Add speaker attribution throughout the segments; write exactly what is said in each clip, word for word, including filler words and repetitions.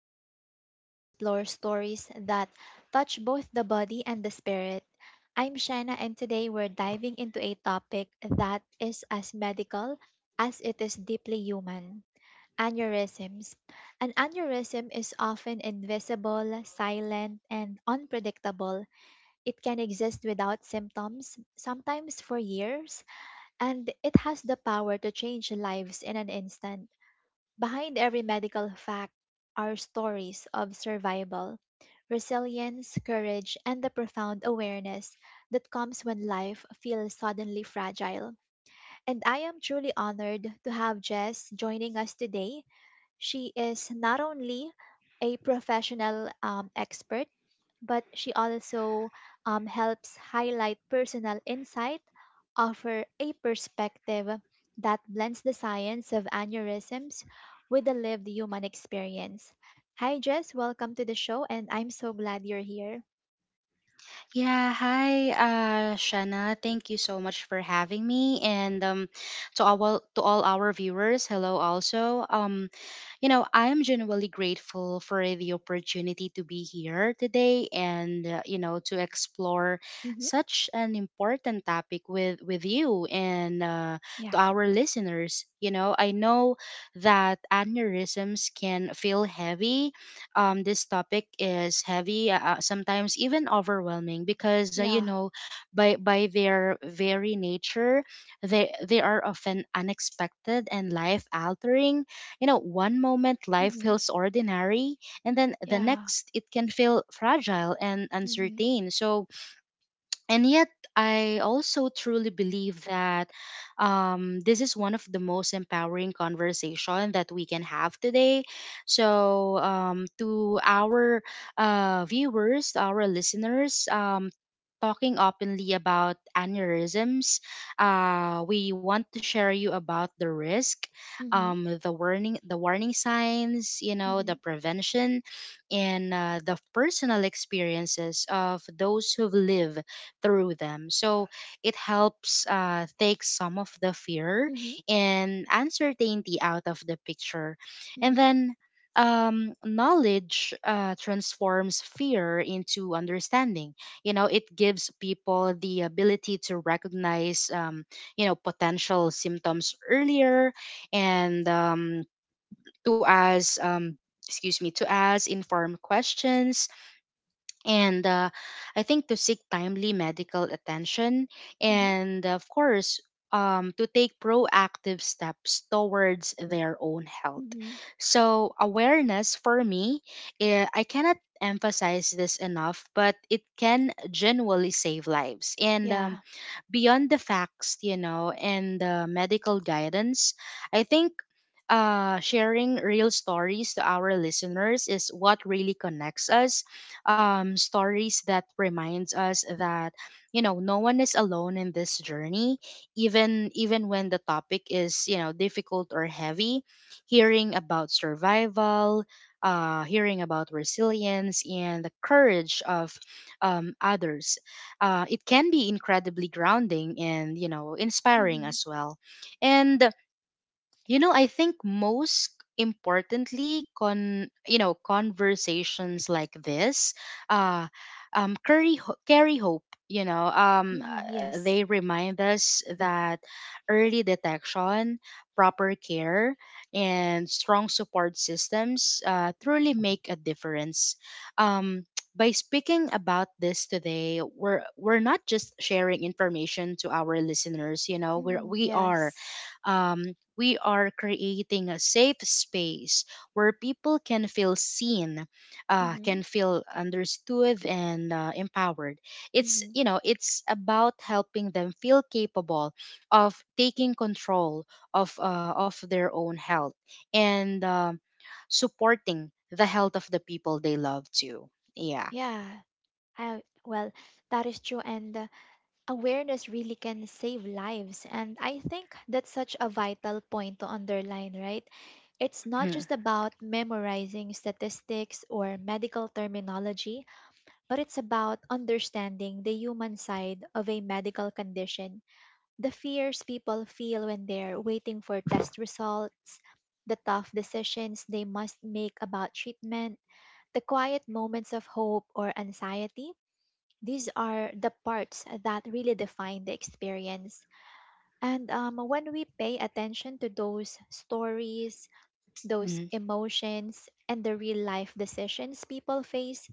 Speaker 1: the space where we explore stories that touch both the body and the spirit. I'm Shanna, and today we're diving into a topic that is as medical as it is deeply human aneurysms. An aneurysm is often invisible, silent, and unpredictable. It can exist without symptoms, sometimes for years, and it has the power to change lives in an instant. Behind every medical fact are stories of survival, resilience, courage, and the profound awareness that comes when life feels suddenly fragile. And I am truly honored to have Jess joining us today. She is not only a professional um, expert, but she also um, helps highlight personal insight, offer a perspective that blends the science of aneurysms with the lived human experience. Hi, Jess. Welcome to the show, and I'm so glad you're here.
Speaker 2: Yeah, hi, uh, Shana. Thank you so much for having me, and um, to all to all our viewers, hello also. Um, you know, I am genuinely grateful for the opportunity to be here today and, uh, you know, to explore
Speaker 1: Mm-hmm.
Speaker 2: such an important topic with, with you and uh, to
Speaker 1: Yeah.
Speaker 2: our listeners. You know, I know that aneurysms can feel heavy. Um, this topic is heavy, uh, uh, sometimes even overwhelming because, uh, you
Speaker 1: Yeah.
Speaker 2: know, by, by their very nature, they, they are often unexpected and life altering. You know, one moment life
Speaker 1: Mm-hmm.
Speaker 2: feels ordinary, and then the
Speaker 1: Yeah.
Speaker 2: next it can feel fragile and
Speaker 1: Mm-hmm.
Speaker 2: uncertain. So, and yet, I also truly believe that um, this is one of the most empowering conversation that we can have today. So, um, to our uh, viewers, to our listeners, um, talking openly about aneurysms. Uh, we want to share you about the risk,
Speaker 1: Mm-hmm.
Speaker 2: um, the warning, the warning signs, you know,
Speaker 1: Mm-hmm.
Speaker 2: the prevention, and uh, the personal experiences of those who've lived through them. So it helps uh, take some of the fear
Speaker 1: Mm-hmm.
Speaker 2: and uncertainty out of the picture, and
Speaker 1: Mm-hmm.
Speaker 2: then. Um, knowledge uh, transforms fear into understanding. You know, it gives people the ability to recognize um, you know potential symptoms earlier and um, to ask um, excuse me to ask informed questions and uh, I think to seek timely medical attention
Speaker 1: Mm-hmm.
Speaker 2: and of course um, to take proactive steps towards their own health.
Speaker 1: Mm-hmm.
Speaker 2: So awareness for me, eh, I cannot emphasize this enough, but it can genuinely save lives. And um,
Speaker 1: Yeah.
Speaker 2: beyond the facts, you know, and the medical guidance, I think uh, sharing real stories to our listeners is what really connects us. Um, stories that reminds us that you know no one is alone in this journey, even even when the topic is you know difficult or heavy. Hearing about survival, uh, hearing about resilience and the courage of um, others uh, it can be incredibly grounding and you know inspiring
Speaker 1: Mm-hmm.
Speaker 2: as well. And you know, I think most importantly, con you know, conversations like this, uh, um, carry ho- carry hope. You know, um,
Speaker 1: Mm-hmm.
Speaker 2: uh,
Speaker 1: Yes.
Speaker 2: they remind us that early detection, proper care, and strong support systems uh, truly make a difference. Um, by speaking about this today, we're we're not just sharing information to our listeners. You know, we're
Speaker 1: Mm-hmm.
Speaker 2: we are
Speaker 1: Yes.
Speaker 2: um, we are creating a safe space where people can feel seen, uh,
Speaker 1: Mm-hmm.
Speaker 2: can feel understood and uh, empowered. It's
Speaker 1: Hmm.
Speaker 2: you know it's about helping them feel capable of taking control of uh, of their own health and um supporting the health of the people they love too. Yeah.
Speaker 1: Yeah, I, well, that is true. And uh, awareness really can save lives. And I think that's such a vital point to underline, right? It's not
Speaker 2: Mm-hmm.
Speaker 1: just about memorizing statistics or medical terminology, but it's about understanding the human side of a medical condition. The fears people feel when they're waiting for test results, the tough decisions they must make about treatment, the quiet moments of hope or anxiety. These are the parts that really define the experience. And um, when we pay attention to those stories, those
Speaker 2: Mm-hmm.
Speaker 1: emotions, and the real life decisions people face,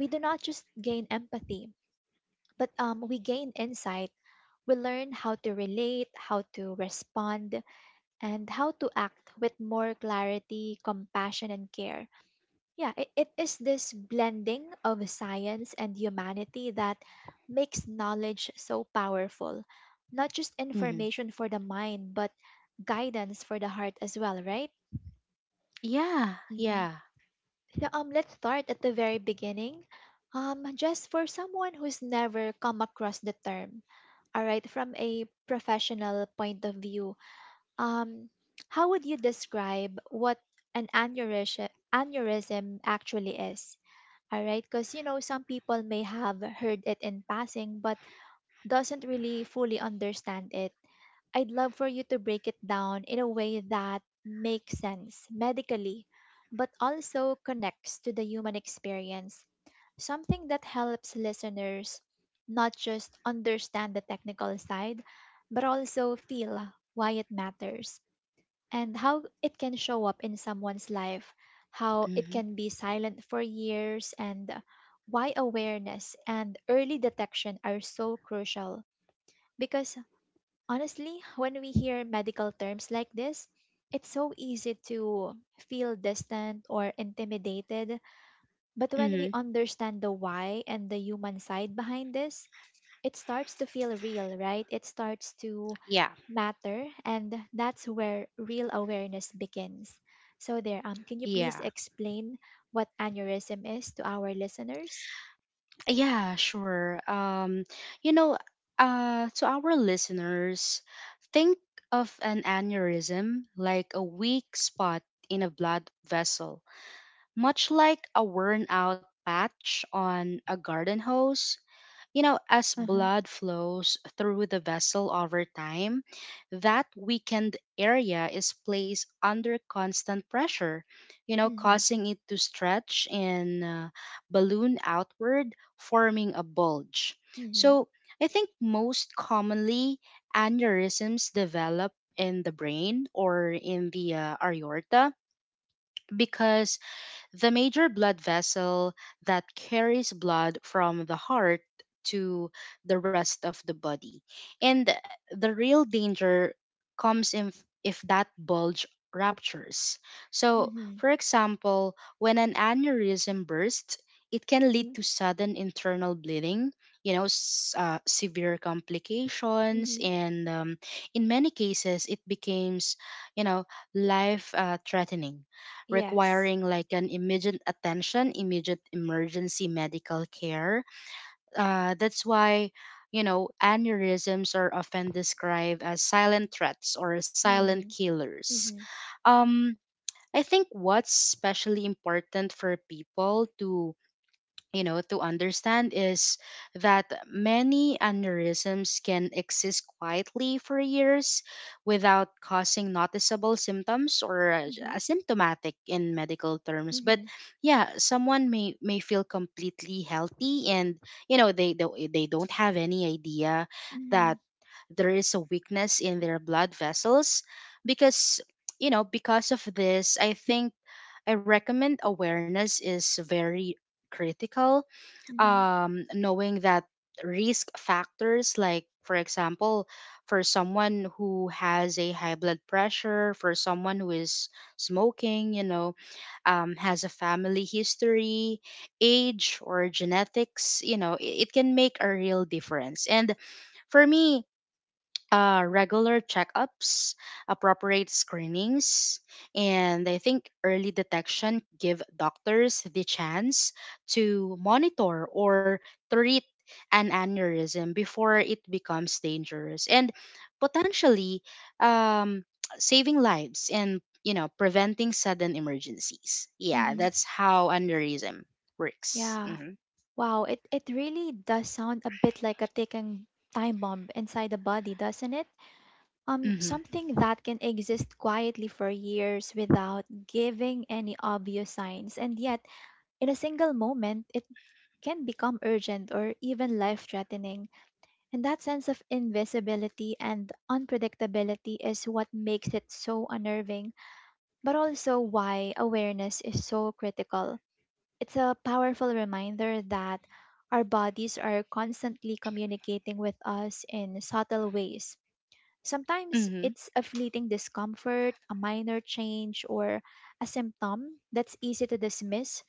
Speaker 1: we do not just gain empathy, but um, we gain insight. We learn how to relate, how to respond, and how to act with more clarity, compassion, and care. Yeah, it, it is this blending of science and humanity that makes knowledge so powerful. Not just
Speaker 2: Mm-hmm.
Speaker 1: information for the mind, but guidance for the heart as well, right?
Speaker 2: Yeah.
Speaker 1: Hmm.
Speaker 2: Yeah.
Speaker 1: So um, let's start at the very beginning. Um, just for someone who's never come across the term, all right, from a professional point of view, um, how would you describe what an aneurysm, aneurysm actually is? All right, because you know some people may have heard it in passing but doesn't really fully understand it. I'd love for you to break it down in a way that makes sense medically, but also connects to the human experience. Something that helps listeners not just understand the technical side, but also feel why it matters and how it can show up in someone's life, how it
Speaker 2: Mm-hmm.
Speaker 1: can be silent for years, and why awareness and early detection are so crucial. Because honestly, when we hear medical terms like this, it's so easy to feel distant or intimidated. But when we
Speaker 2: Mm-hmm.
Speaker 1: understand the why and the human side behind this, it starts to feel real, right? It starts to
Speaker 2: Yeah.
Speaker 1: matter, and that's where real awareness begins. So, there, um, can you please
Speaker 2: Yeah.
Speaker 1: explain what aneurysm is to our listeners?
Speaker 2: Yeah, sure. Um, you know, uh, to our listeners, think of an aneurysm like a weak spot in a blood vessel, much like a worn out patch on a garden hose. You know, as
Speaker 1: Uh-huh.
Speaker 2: blood flows through the vessel over time, that weakened area is placed under constant pressure, you know,
Speaker 1: Mm-hmm,
Speaker 2: causing it to stretch and uh, balloon outward, forming a bulge.
Speaker 1: mm-hmm,
Speaker 2: So, I think most commonly aneurysms develop in the brain or in the uh, aorta because the major blood vessel that carries blood from the heart to the rest of the body. And the real danger comes if, if that bulge ruptures. So,
Speaker 1: mm-hmm,
Speaker 2: for example, when an aneurysm bursts, it can
Speaker 1: mm-hmm,
Speaker 2: lead to sudden internal bleeding, you know, s- uh, severe complications,
Speaker 1: mm-hmm.
Speaker 2: and um, in many cases, it becomes, you know, life uh, threatening,
Speaker 1: Yes.
Speaker 2: requiring like an immediate attention, immediate emergency medical care. Uh, that's why, you know, aneurysms are often described as silent threats or
Speaker 1: Mm-hmm,
Speaker 2: silent killers.
Speaker 1: mm-hmm,
Speaker 2: Um, I think what's especially important for people to you know to understand is that many aneurysms can exist quietly for years without causing noticeable symptoms or uh,
Speaker 1: mm-hmm,
Speaker 2: asymptomatic in medical terms. But
Speaker 1: mm-hmm,
Speaker 2: yeah, someone may may feel completely healthy and you know they they, they don't have any idea
Speaker 1: mm-hmm,
Speaker 2: that there is a weakness in their blood vessels. Because you know because of this I think I recommend awareness is very critical.
Speaker 1: mm-hmm,
Speaker 2: Um, knowing that risk factors, like for example, for someone who has a high blood pressure, for someone who is smoking, you know, um, has a family history, age, or genetics, you know, it, it can make a real difference. And for me, uh, regular checkups, appropriate screenings, and I think early detection give doctors the chance to monitor or treat an aneurysm before it becomes dangerous and potentially um, saving lives and you know preventing sudden emergencies. Yeah,
Speaker 1: mm-hmm.
Speaker 2: that's how aneurysm works.
Speaker 1: Yeah.
Speaker 2: Hmm
Speaker 1: Wow, it, it really does sound a bit like a ticking time bomb inside the body, doesn't it? Um,
Speaker 2: hmm
Speaker 1: something that can exist quietly for years without giving any obvious signs, and yet, in a single moment, it can become urgent or even life threatening. And that sense of invisibility and unpredictability is what makes it so unnerving, but also why awareness is so critical. It's a powerful reminder that our bodies are constantly communicating with us in subtle ways. Sometimes
Speaker 2: hmm
Speaker 1: it's a fleeting discomfort, a minor change, or a symptom that's easy to dismiss,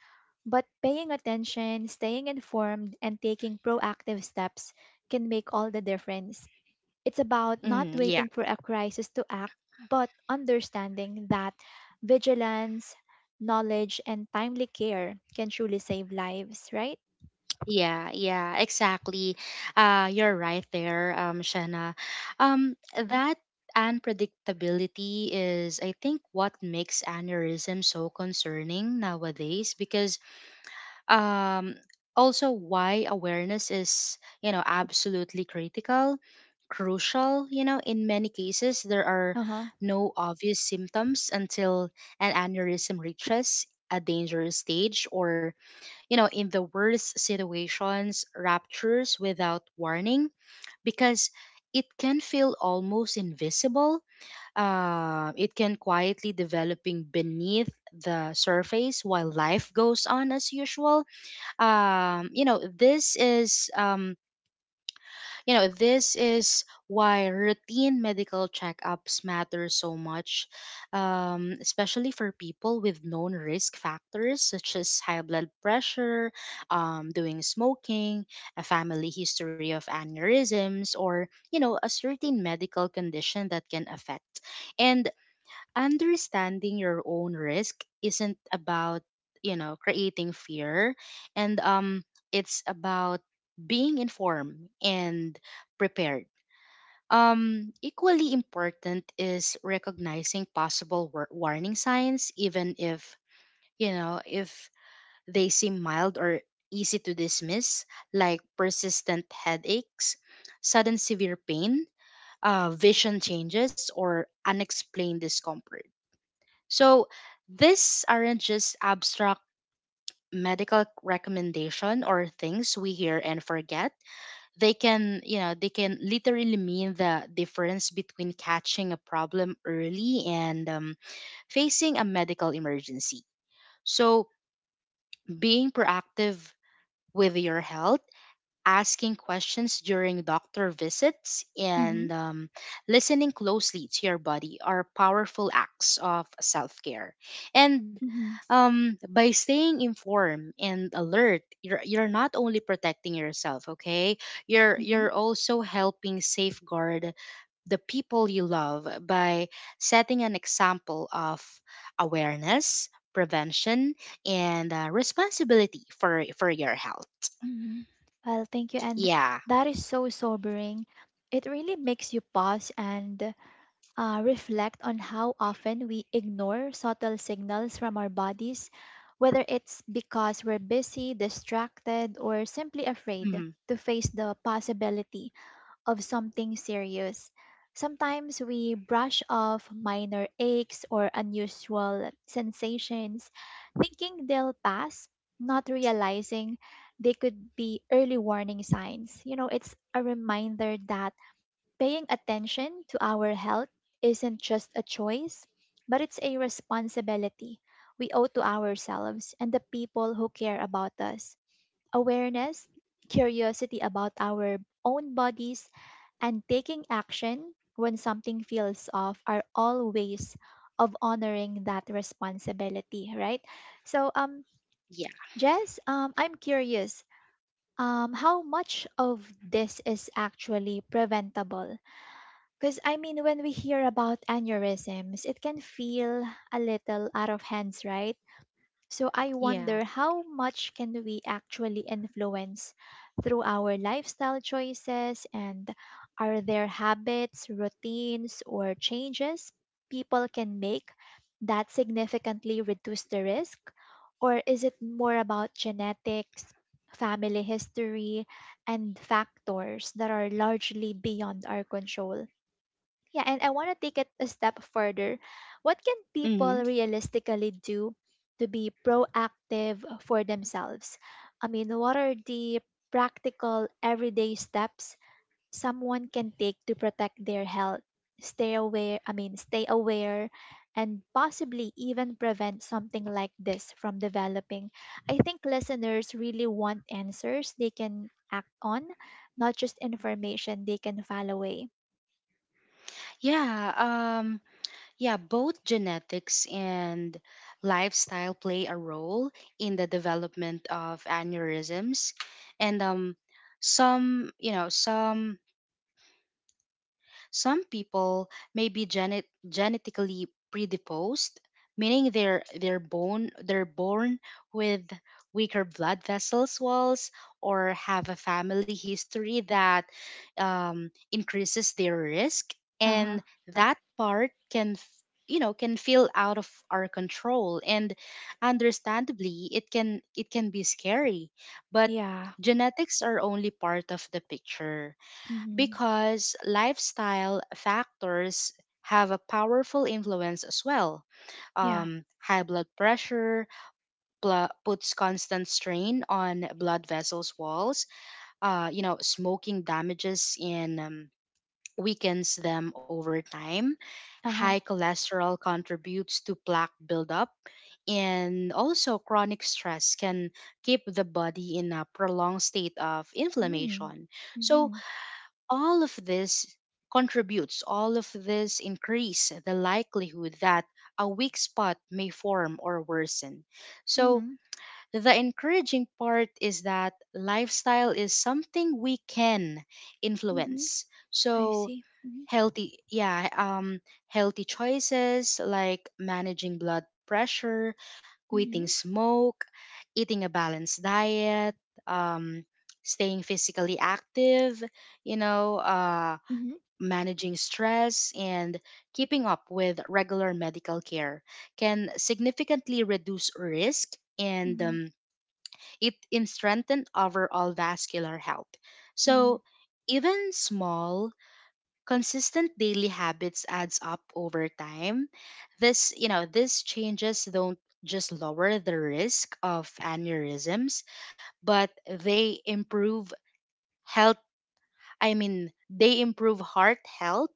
Speaker 1: but paying attention, staying informed, and taking proactive steps can make all the difference. It's about not
Speaker 2: hmm.
Speaker 1: waiting for a crisis to act, but understanding that vigilance, knowledge, and timely care can truly save lives, right?
Speaker 2: Yeah, yeah, exactly. Uh, you're right there, um, Shanna. Um, that unpredictability is, I think, what makes aneurysm so concerning nowadays because um also why awareness is you know absolutely critical crucial. You know in many cases there are
Speaker 1: Uh huh.
Speaker 2: no obvious symptoms until an aneurysm reaches a dangerous stage or you know in the worst situations ruptures without warning. Because it can feel almost invisible, uh, it can quietly developing beneath the surface while life goes on as usual. um you know this is um you know this is why routine medical checkups matter so much, um especially for people with known risk factors such as high blood pressure, um doing smoking, a family history of aneurysms or you know a certain medical condition that can affect. And understanding your own risk isn't about you know creating fear and um it's about being informed and prepared. Um equally important is recognizing possible war- warning signs even if you know if they seem mild or easy to dismiss, like persistent headaches, sudden severe pain, uh, vision changes or unexplained discomfort. So these aren't just abstract medical recommendation or things we hear and forget. They can, you know, they can literally mean the difference between catching a problem early and um, facing a medical emergency. So being proactive with your health, asking questions during doctor visits
Speaker 1: Mm hmm.
Speaker 2: and um, listening closely to your body are powerful acts of self care. And
Speaker 1: Mm
Speaker 2: um, by staying informed and alert, you're, you're not only protecting yourself, okay? You're,
Speaker 1: hmm.
Speaker 2: you're also helping safeguard the people you love by setting an example of awareness, prevention, and uh, responsibility for, for your health.
Speaker 1: Mhm. Well, thank you. And
Speaker 2: Yeah.
Speaker 1: that is so sobering. It really makes you pause and uh, reflect on how often we ignore subtle signals from our bodies, whether it's because we're busy, distracted, or simply afraid
Speaker 2: Mhm.
Speaker 1: to face the possibility of something serious. Sometimes we brush off minor aches or unusual sensations, thinking they'll pass, not realizing they could be early warning signs. You know, it's a reminder that paying attention to our health isn't just a choice, but it's a responsibility we owe to ourselves and the people who care about us. Awareness, curiosity about our own bodies, and taking action when something feels off are all ways of honoring that responsibility, right? So, um, Jess, um, I'm curious. Um, how much of this is actually preventable? Because I mean, when we hear about aneurysms, it can feel a little out of hands, right? So I
Speaker 2: Yeah.
Speaker 1: wonder how much can we actually influence through our lifestyle choices, and are there habits, routines or changes people can make that significantly reduce the risk, or is it more about genetics, family history and factors that are largely beyond our control? Yeah, and I want to take it a step further. What can
Speaker 2: Hmm.
Speaker 1: people realistically do to be proactive for themselves? I mean, what are the practical everyday steps someone can take to protect their health? Stay aware, I mean, stay aware and possibly even prevent something like this from developing. I think listeners really want answers they can act on, not just information they can file away.
Speaker 2: Yeah. Um, yeah. Both genetics and lifestyle play a role in the development of aneurysms, and um, some you know some Some people may be genet- genetically predisposed, meaning they're they're born they're born with weaker blood vessels walls or have a family history that um, increases their risk,
Speaker 1: Uh-huh.
Speaker 2: and that part can f- you know can feel out of our control and understandably it can it can be scary. But
Speaker 1: Yeah.
Speaker 2: genetics are only part of the picture
Speaker 1: Mhm.
Speaker 2: because lifestyle factors have a powerful influence as well.
Speaker 1: Yeah.
Speaker 2: Um, high blood pressure blo- puts constant strain on blood vessels walls. Uh, you know, smoking damages and um, weakens them over time.
Speaker 1: Uh-huh.
Speaker 2: High cholesterol contributes to plaque buildup, and also chronic stress can keep the body in a prolonged state of
Speaker 1: Mm.
Speaker 2: inflammation. So
Speaker 1: Mhm.
Speaker 2: all of this contributes, all of this increase the likelihood that a weak spot may form or worsen. So,
Speaker 1: Mhm.
Speaker 2: the encouraging part is that lifestyle is something we can
Speaker 1: Mhm.
Speaker 2: influence.
Speaker 1: I
Speaker 2: So,
Speaker 1: see. Mhm.
Speaker 2: healthy yeah um healthy choices like managing blood pressure, quitting
Speaker 1: Mhm.
Speaker 2: smoke, eating a balanced diet, um staying physically active, you know uh
Speaker 1: Mhm.
Speaker 2: managing stress and keeping up with regular medical care can significantly reduce risk and
Speaker 1: Mhm.
Speaker 2: um, it in strengthen overall vascular health.
Speaker 1: Mhm.
Speaker 2: So even small consistent daily habits adds up over time. This, you know, these changes don't just lower the risk of aneurysms, but they improve health, I mean, they improve heart health,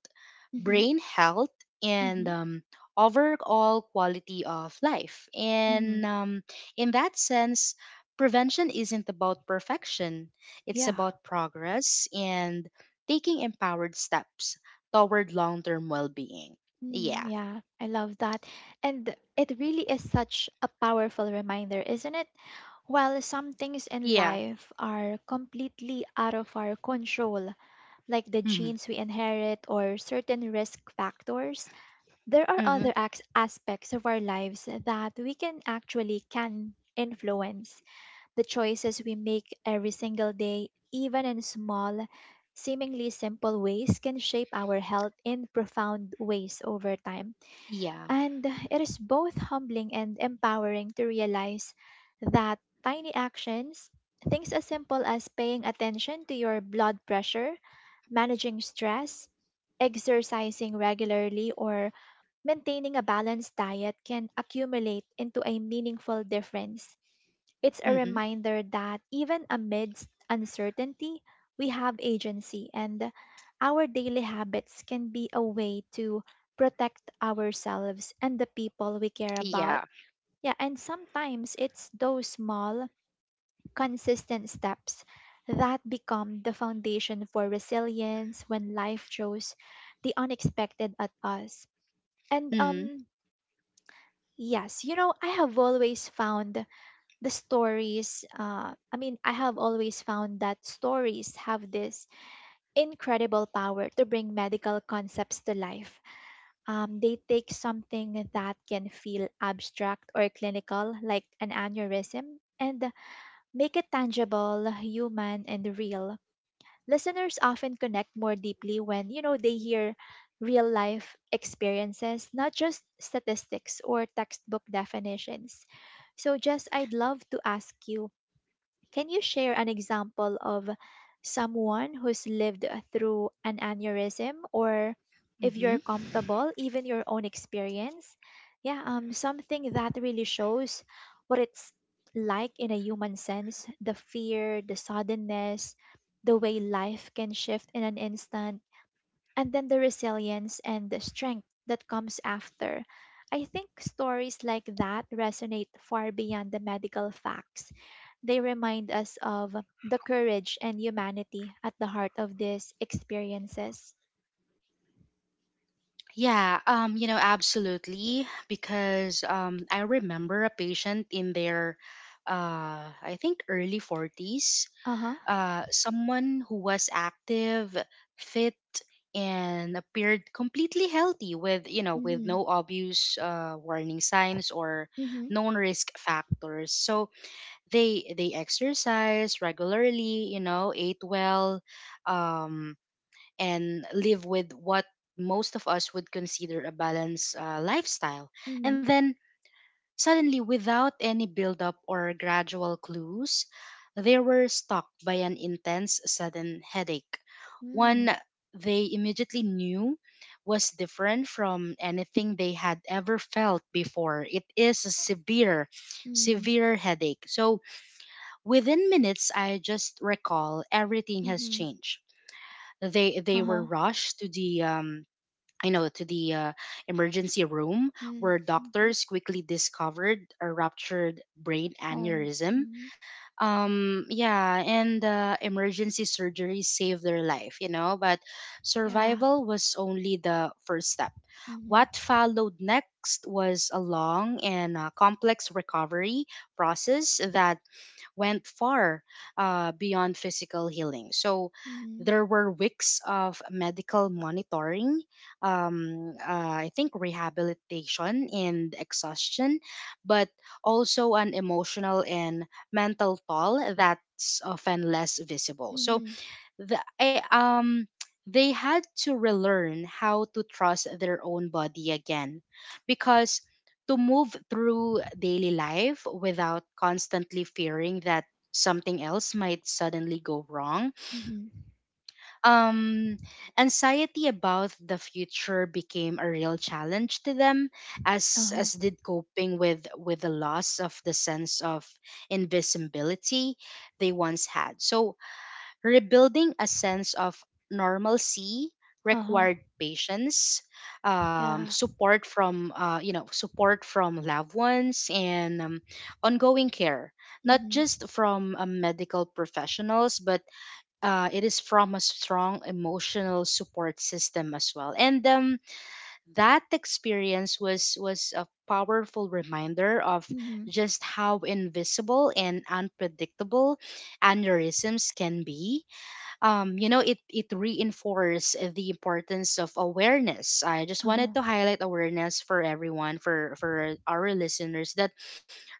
Speaker 1: Mhm.
Speaker 2: brain health, and
Speaker 1: Mhm.
Speaker 2: um, overall quality of life. And
Speaker 1: Mhm.
Speaker 2: um, in that sense, prevention isn't about perfection, it's
Speaker 1: Yeah.
Speaker 2: about progress and taking empowered steps toward long term well being.
Speaker 1: Mm,
Speaker 2: Yeah.
Speaker 1: yeah, I love that. And it really is such a powerful reminder, isn't it? While some things in
Speaker 2: Yeah.
Speaker 1: life are completely out of our control, like the
Speaker 2: Mm-hmm.
Speaker 1: genes we inherit or certain risk factors, there are
Speaker 2: Mm-hmm.
Speaker 1: other acts, aspects of our lives that we can actually can influence. The choices we make every single day, even in small, seemingly simple ways, can shape our health in profound ways over time.
Speaker 2: Yeah.
Speaker 1: And it is both humbling and empowering to realize that tiny actions, things as simple as paying attention to your blood pressure, managing stress, exercising regularly, or maintaining a balanced diet can accumulate into a meaningful difference. It's a
Speaker 2: Mm-hmm.
Speaker 1: reminder that even amidst uncertainty, we have agency, and our daily habits can be a way to protect ourselves and the people we care
Speaker 2: Yeah.
Speaker 1: about. Yeah, and sometimes it's those small, consistent steps that become the foundation for resilience when life throws the unexpected at us. And
Speaker 2: Mm-hmm.
Speaker 1: um yes, you know, I have always found the stories, uh, I mean, I have always found that stories have this incredible power to bring medical concepts to life. Um, they take something that can feel abstract or clinical, like an aneurysm, and make it tangible, human, and real. Listeners often connect more deeply when, you know, they hear real life experiences, not just statistics or textbook definitions. So, Jess, I'd love to ask you, can you share an example of someone who's lived through an aneurysm, or if you're
Speaker 2: Mm-hmm.
Speaker 1: comfortable, even your own experience? Yeah, um something that really shows what it's like in a human sense, the fear, the suddenness, the way life can shift in an instant, and then the resilience and the strength that comes after. I think stories like that resonate far beyond the medical facts. They remind us of the courage and humanity at the heart of these experiences.
Speaker 2: Yeah, um, you know, absolutely. Because um, I remember a patient in their, uh, I think early forties,
Speaker 1: Uh huh.
Speaker 2: uh, someone who was active, fit, and appeared completely healthy with, you know, with
Speaker 1: Mm-hmm.
Speaker 2: no obvious uh, warning signs or
Speaker 1: Mm-hmm.
Speaker 2: known risk factors. So they they exercise regularly, you know, ate well, um, and live with what most of us would consider a balanced uh, lifestyle. And then suddenly, without any build-up or gradual clues, they were stalked by an intense, sudden headache.
Speaker 1: Mm-hmm.
Speaker 2: One they immediately knew was different from anything they had ever felt before. It is a severe,
Speaker 1: Mm-hmm.
Speaker 2: severe headache. So within minutes, I just recall everything has
Speaker 1: Mm-hmm.
Speaker 2: changed. They they were
Speaker 1: Uh-huh.
Speaker 2: rushed to the um I know to the uh, emergency room, where
Speaker 1: Mm-hmm.
Speaker 2: doctors quickly discovered a ruptured brain
Speaker 1: Oh.
Speaker 2: aneurysm.
Speaker 1: Mm-hmm.
Speaker 2: Um, yeah, and uh, emergency surgery saved their life, you know, but
Speaker 1: Yeah.
Speaker 2: survival was only the first step.
Speaker 1: Mm-hmm.
Speaker 2: What followed next was a long and uh, complex recovery process that went far uh, beyond physical healing. So
Speaker 1: Mm-hmm.
Speaker 2: there were weeks of medical monitoring, um, uh, I think rehabilitation and exhaustion, but also an emotional and mental toll that's often less visible. So
Speaker 1: Mm-hmm.
Speaker 2: the, I, um they had to relearn how to trust their own body again because to move through daily life without
Speaker 1: Uh-huh.
Speaker 2: constantly fearing that something else might suddenly go wrong.
Speaker 1: Mm-hmm.
Speaker 2: um Anxiety about the future became a real challenge to them, as
Speaker 1: Uh-huh.
Speaker 2: as did coping with with the loss of the sense of invisibility they once had. So rebuilding a sense of normalcy
Speaker 1: Uh-huh.
Speaker 2: required patience, um,
Speaker 1: Yeah.
Speaker 2: support from uh, you know support from loved ones, and um, ongoing care, not
Speaker 1: Mm-hmm.
Speaker 2: just from uh, medical professionals but uh, it is from a strong emotional support system as well. And um, that experience was was a powerful reminder of
Speaker 1: Mm-hmm.
Speaker 2: just how invisible and unpredictable aneurysms can be. Um, you know, it it reinforced the importance of awareness. I just wanted
Speaker 1: Uh-huh.
Speaker 2: to highlight awareness for everyone, for for our listeners, that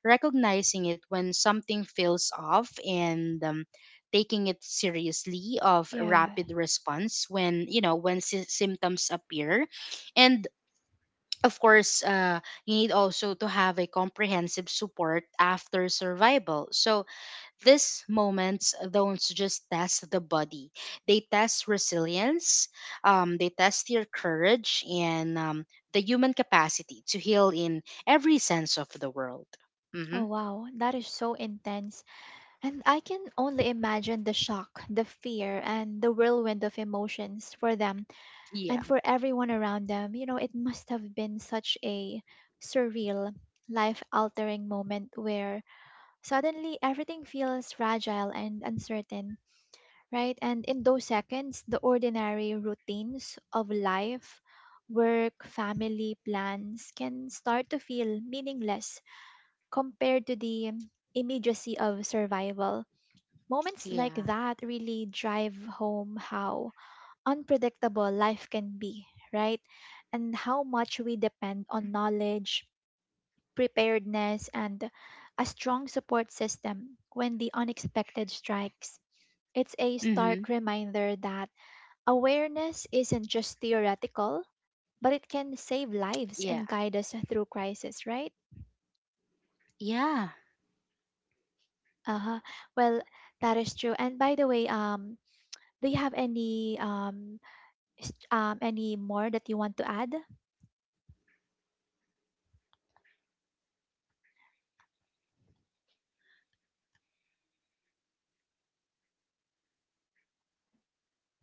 Speaker 2: recognizing it when something feels off and um, taking it seriously, of
Speaker 1: Yeah.
Speaker 2: rapid response when you know when sy- symptoms appear, and of course, uh, you need also to have a comprehensive support after survival. So these moments uh, don't just test the body, they test resilience, um, they test your courage, and um, the human capacity to heal in every sense of the world.
Speaker 1: Oh,
Speaker 2: Mm-hmm.
Speaker 1: wow. That is so intense. And I can only imagine the shock, the fear, and the whirlwind of emotions for them
Speaker 2: Yeah.
Speaker 1: and for everyone around them. You know, it must have been such a surreal, life altering moment where suddenly everything feels fragile and uncertain, right? And in those seconds, the ordinary routines of life, work, family, plans can start to feel meaningless compared to the immediacy of survival. Moments like
Speaker 2: Yeah.
Speaker 1: that really drive home how unpredictable life can be, right? And how much we depend on knowledge, preparedness, and a strong support system when the unexpected strikes. It's a
Speaker 2: Mm-hmm.
Speaker 1: stark reminder that awareness isn't just theoretical, but it can save lives
Speaker 2: Yeah.
Speaker 1: and guide us through crisis, right?
Speaker 2: Yeah.
Speaker 1: Uh-huh. Well, that is true. And by the way, um, do you have any um, s- um any more that you want to add?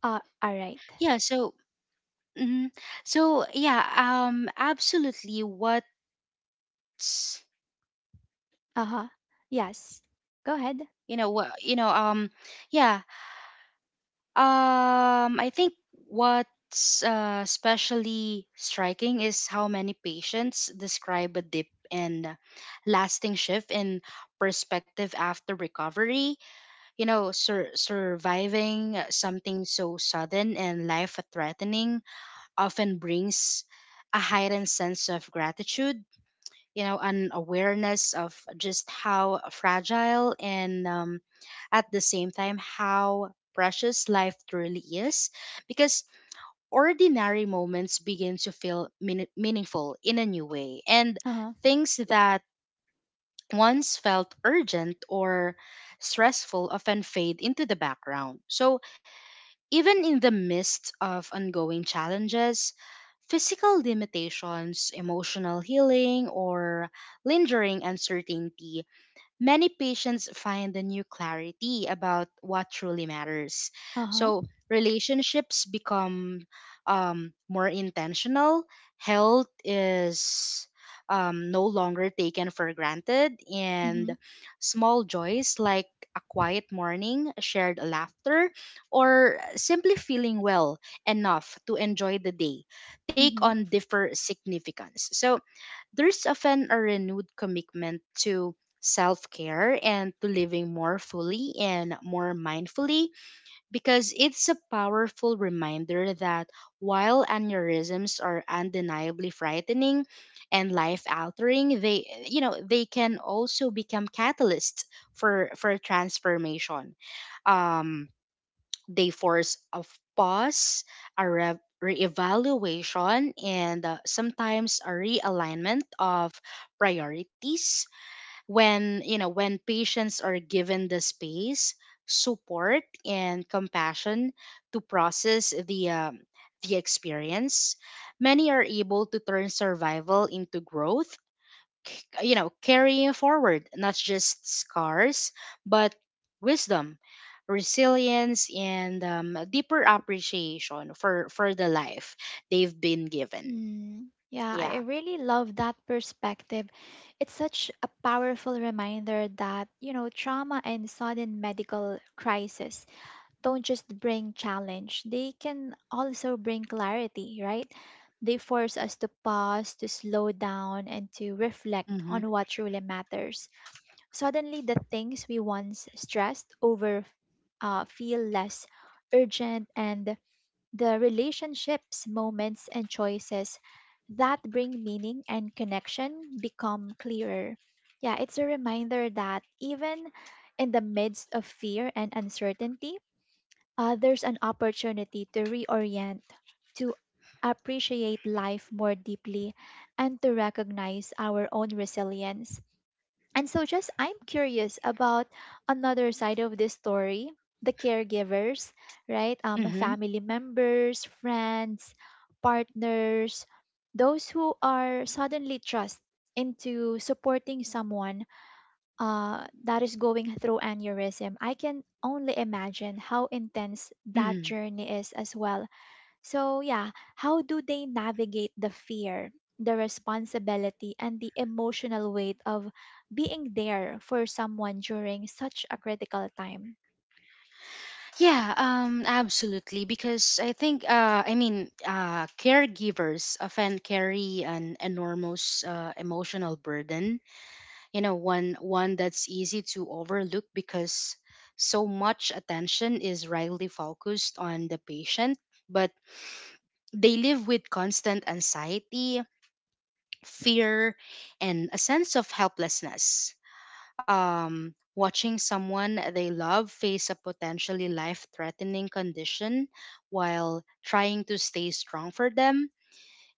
Speaker 1: Uh, all right.
Speaker 2: Yeah. So, mhm. so yeah. Um. Absolutely. What's
Speaker 1: Uh-huh. Yes. Go ahead.
Speaker 2: you know what you know um yeah Um, I think what's uh, especially striking is how many patients describe a dip and uh, lasting shift in perspective after recovery. You know, sur- surviving something so sudden and life threatening often brings a heightened sense of gratitude, you know, an awareness of just how fragile and, um, at the same time, how precious life truly is, because ordinary moments begin to feel mean- meaningful in a new way, and
Speaker 1: Uh-huh.
Speaker 2: things that once felt urgent or stressful often fade into the background. So even in the midst of ongoing challenges, physical limitations, emotional healing, or lingering uncertainty, many patients find a new clarity about what truly matters.
Speaker 1: Uh-huh.
Speaker 2: So relationships become, um, more intentional, health is, um, no longer taken for granted, and
Speaker 1: Mm-hmm.
Speaker 2: small joys like a quiet morning, shared laughter, or simply feeling well enough to enjoy the day take
Speaker 1: Mm-hmm.
Speaker 2: on differ significance. So there's often a renewed commitment to self care and to living more fully and more mindfully, because it's a powerful reminder that while aneurysms are undeniably frightening and life altering, they you know they can also become catalysts for for transformation. um they force a pause, a re- reevaluation, and uh, sometimes a realignment of priorities. When you know when patients are given the space, support, and compassion to process the um, the experience, many are able to turn survival into growth, c- you know carrying forward not just scars but wisdom, resilience, and um, a deeper appreciation for for the life they've been given.
Speaker 1: Mm. Yeah, I I
Speaker 2: Yeah.
Speaker 1: really love that perspective. It's such a powerful reminder that, you know, trauma and sudden medical crisis don't just bring challenge, they can also bring clarity, right? They force us to pause, to slow down, and to reflect
Speaker 2: Mm-hmm.
Speaker 1: on what truly matters. Suddenly, the things we once stressed over uh, feel less urgent, and the relationships, moments, and choices that bring meaning and connection become clearer. Yeah, it's a reminder that even in the midst of fear and uncertainty, uh, there's an opportunity to reorient, to appreciate life more deeply, and to recognize our own resilience. And so, just I'm curious about another side of this story, the caregivers, right? Um,
Speaker 2: Mm-hmm.
Speaker 1: family members, friends, partners, those who are suddenly thrust into supporting someone uh, that is going through aneurysm. I can only imagine how intense that
Speaker 2: Mm-hmm.
Speaker 1: journey is as well. So, yeah, how do they navigate the fear, the responsibility, and the emotional weight of being there for someone during such a critical time?
Speaker 2: Yeah. Um absolutely, because i think uh i mean uh caregivers often carry an enormous uh, emotional burden, you know, one one that's easy to overlook because so much attention is rightly focused on the patient. But they live with constant anxiety, fear, and a sense of helplessness, um, watching someone they love face a potentially life threatening condition while trying to stay strong for them.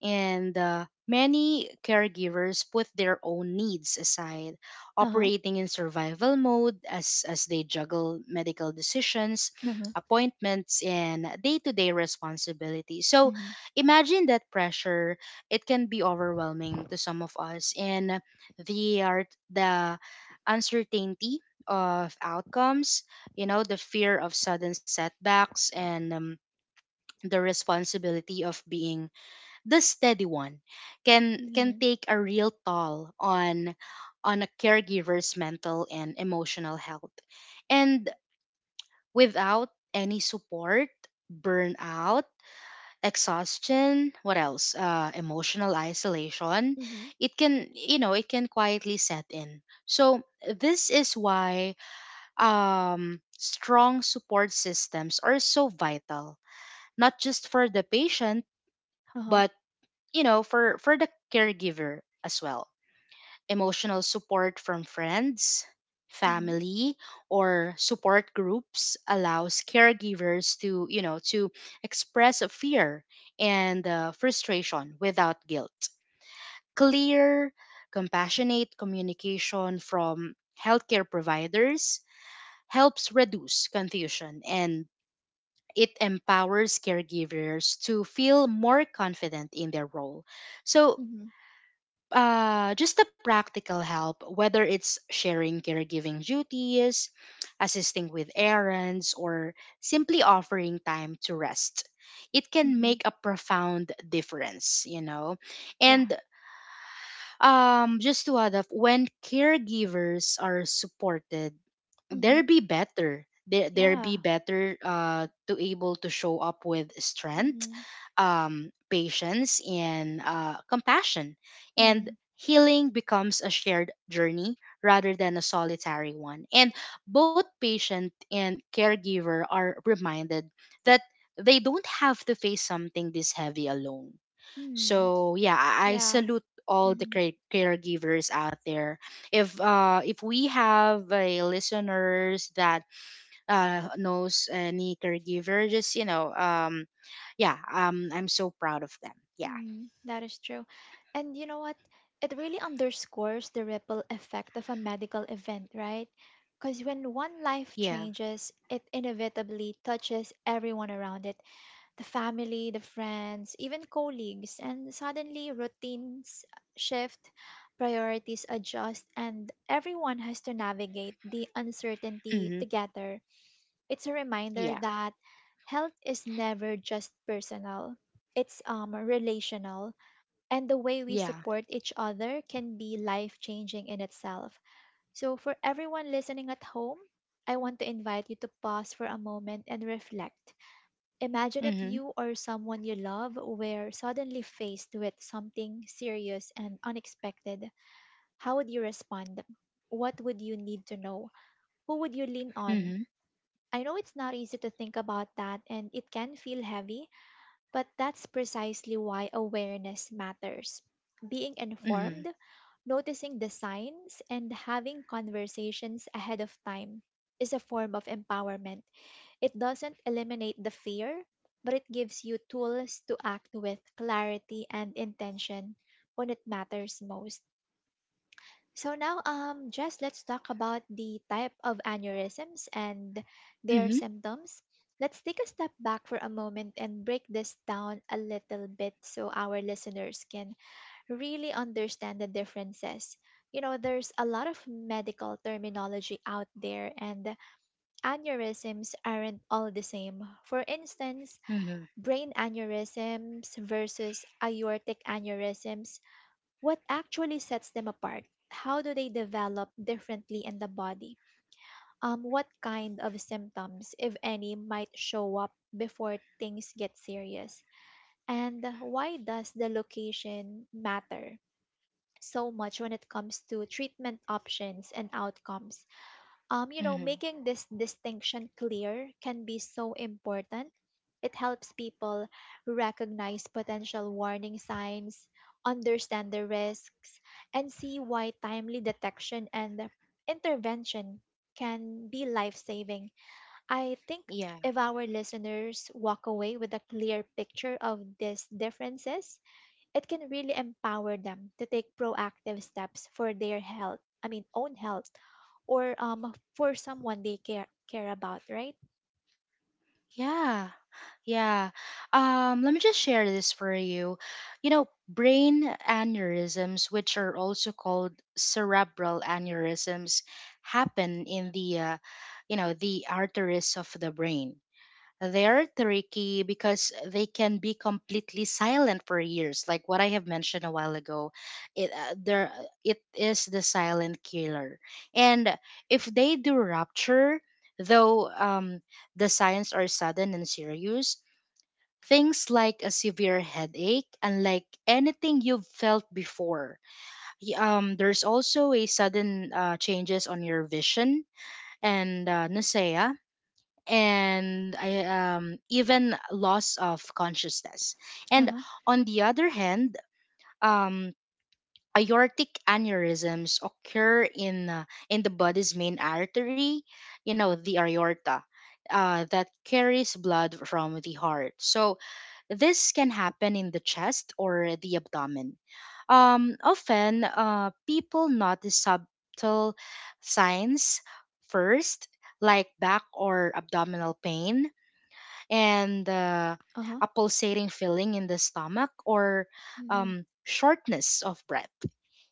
Speaker 2: And uh, many caregivers put their own needs aside,
Speaker 1: Uh huh.
Speaker 2: operating in survival mode as, as they juggle medical decisions,
Speaker 1: Uh huh.
Speaker 2: appointments, and day to day responsibilities. So
Speaker 1: Mm-hmm.
Speaker 2: imagine that pressure. It can be overwhelming to some of us. And the, art, the uncertainty of outcomes, you know, the fear of sudden setbacks, and um, the responsibility of being the steady one can can
Speaker 1: Mm-hmm.
Speaker 2: take a real toll on on a caregiver's mental and emotional health. And without any support, burnout, exhaustion, what else, uh, emotional isolation,
Speaker 1: Mm-hmm.
Speaker 2: it can you know it can quietly set in. So this is why, um, strong support systems are so vital, not just for the patient
Speaker 1: Uh huh.
Speaker 2: but, you know, for for the caregiver as well. Emotional support from friends, family, or support groups allows caregivers to, you know to express a fear and uh, frustration without guilt. Clear, compassionate communication from healthcare providers helps reduce confusion and it empowers caregivers to feel more confident in their role. So
Speaker 1: Mm-hmm.
Speaker 2: uh, just the practical help, whether it's sharing caregiving duties, assisting with errands, or simply offering time to rest. It can
Speaker 1: Mhm.
Speaker 2: make a profound difference, you know.
Speaker 1: Yeah.
Speaker 2: And um, just to add up, when caregivers are supported,
Speaker 1: Mhm.
Speaker 2: there be better there there be
Speaker 1: Yeah.
Speaker 2: better uh to able to show up with strength,
Speaker 1: Mhm.
Speaker 2: um patience, and uh compassion, and
Speaker 1: Mhm.
Speaker 2: healing becomes a shared journey rather than a solitary one, and both patient and caregiver are reminded that they don't have to face something this heavy alone.
Speaker 1: Mhm.
Speaker 2: So yeah, I I
Speaker 1: Yeah.
Speaker 2: salute all the
Speaker 1: Mhm.
Speaker 2: care- caregivers out there. If uh if we have a listeners that uh knows any caregiver, just you know um yeah, um I'm so proud of them. Yeah.
Speaker 1: Mhm. That is true. And you know what? It really underscores the ripple effect of a medical event, right? Because when one life
Speaker 2: Yeah.
Speaker 1: changes, it inevitably touches everyone around it, the family, the friends, even colleagues. And suddenly, routines shift, priorities adjust, and everyone has to navigate the uncertainty
Speaker 2: Mm-hmm.
Speaker 1: together. It's a reminder
Speaker 2: Yeah.
Speaker 1: that health is never just personal. It's um relational, and the way we
Speaker 2: Yeah.
Speaker 1: support each other can be life-changing in itself. So for everyone listening at home, I want to invite you to pause for a moment and reflect. Imagine if
Speaker 2: Hmm.
Speaker 1: you or someone you love were suddenly faced with something serious and unexpected. How would you respond? What would you need to know? Who would you lean on?
Speaker 2: Hmm.
Speaker 1: I know it's not easy to think about that and it can feel heavy, but that's precisely why awareness matters. Being
Speaker 2: Hmm.
Speaker 1: informed, noticing the signs, and having conversations ahead of time is a form of empowerment. It doesn't eliminate the fear, but it gives you tools to act with clarity and intention when it matters most. So now, um, Jess, let's talk about the type of aneurysms and their
Speaker 2: Hmm.
Speaker 1: symptoms. Let's take a step back for a moment and break this down a little bit so our listeners can really understand the differences. You know, there's a lot of medical terminology out there, and aneurysms aren't all the same. For instance,
Speaker 2: Hmm.
Speaker 1: brain aneurysms versus aortic aneurysms, what actually sets them apart? How do they develop differently in the body? Um, what kind of symptoms, if any, might show up before things get serious? And why does the location matter so much when it comes to treatment options and outcomes? Um, you know,
Speaker 2: Hmm.
Speaker 1: making this distinction clear can be so important. It helps people recognize potential warning signs, understand the risks, and see why timely detection and intervention can be life saving. I think
Speaker 2: Yeah.
Speaker 1: if our listeners walk away with a clear picture of these differences, it can really empower them to take proactive steps for their health, I mean, own health, or um for someone they care care about, right?
Speaker 2: Yeah. Yeah. Um, let me just share this for you. You know, brain aneurysms, which are also called cerebral aneurysms, happen in the, uh, you know, the arteries of the brain. They're tricky because they can be completely silent for years, like what I have mentioned a while ago. It uh, there it is the silent killer, and if they do rupture, though um, the signs are sudden and serious, things like a severe headache, unlike anything you've felt before. Y- Um, there's also a sudden uh, changes on your vision and uh, nausea, and I um even loss of consciousness. And
Speaker 1: Uh-huh.
Speaker 2: on the other hand, um aortic aneurysms occur in, uh, in the body's main artery, you know, the aorta. Uh, that carries blood from the heart. So this can happen in the chest or the abdomen. Um, often, uh, people notice subtle signs first, like back or abdominal pain, and uh,
Speaker 1: Uh-huh.
Speaker 2: a pulsating feeling in the stomach or,
Speaker 1: Mm-hmm.
Speaker 2: um, shortness of breath.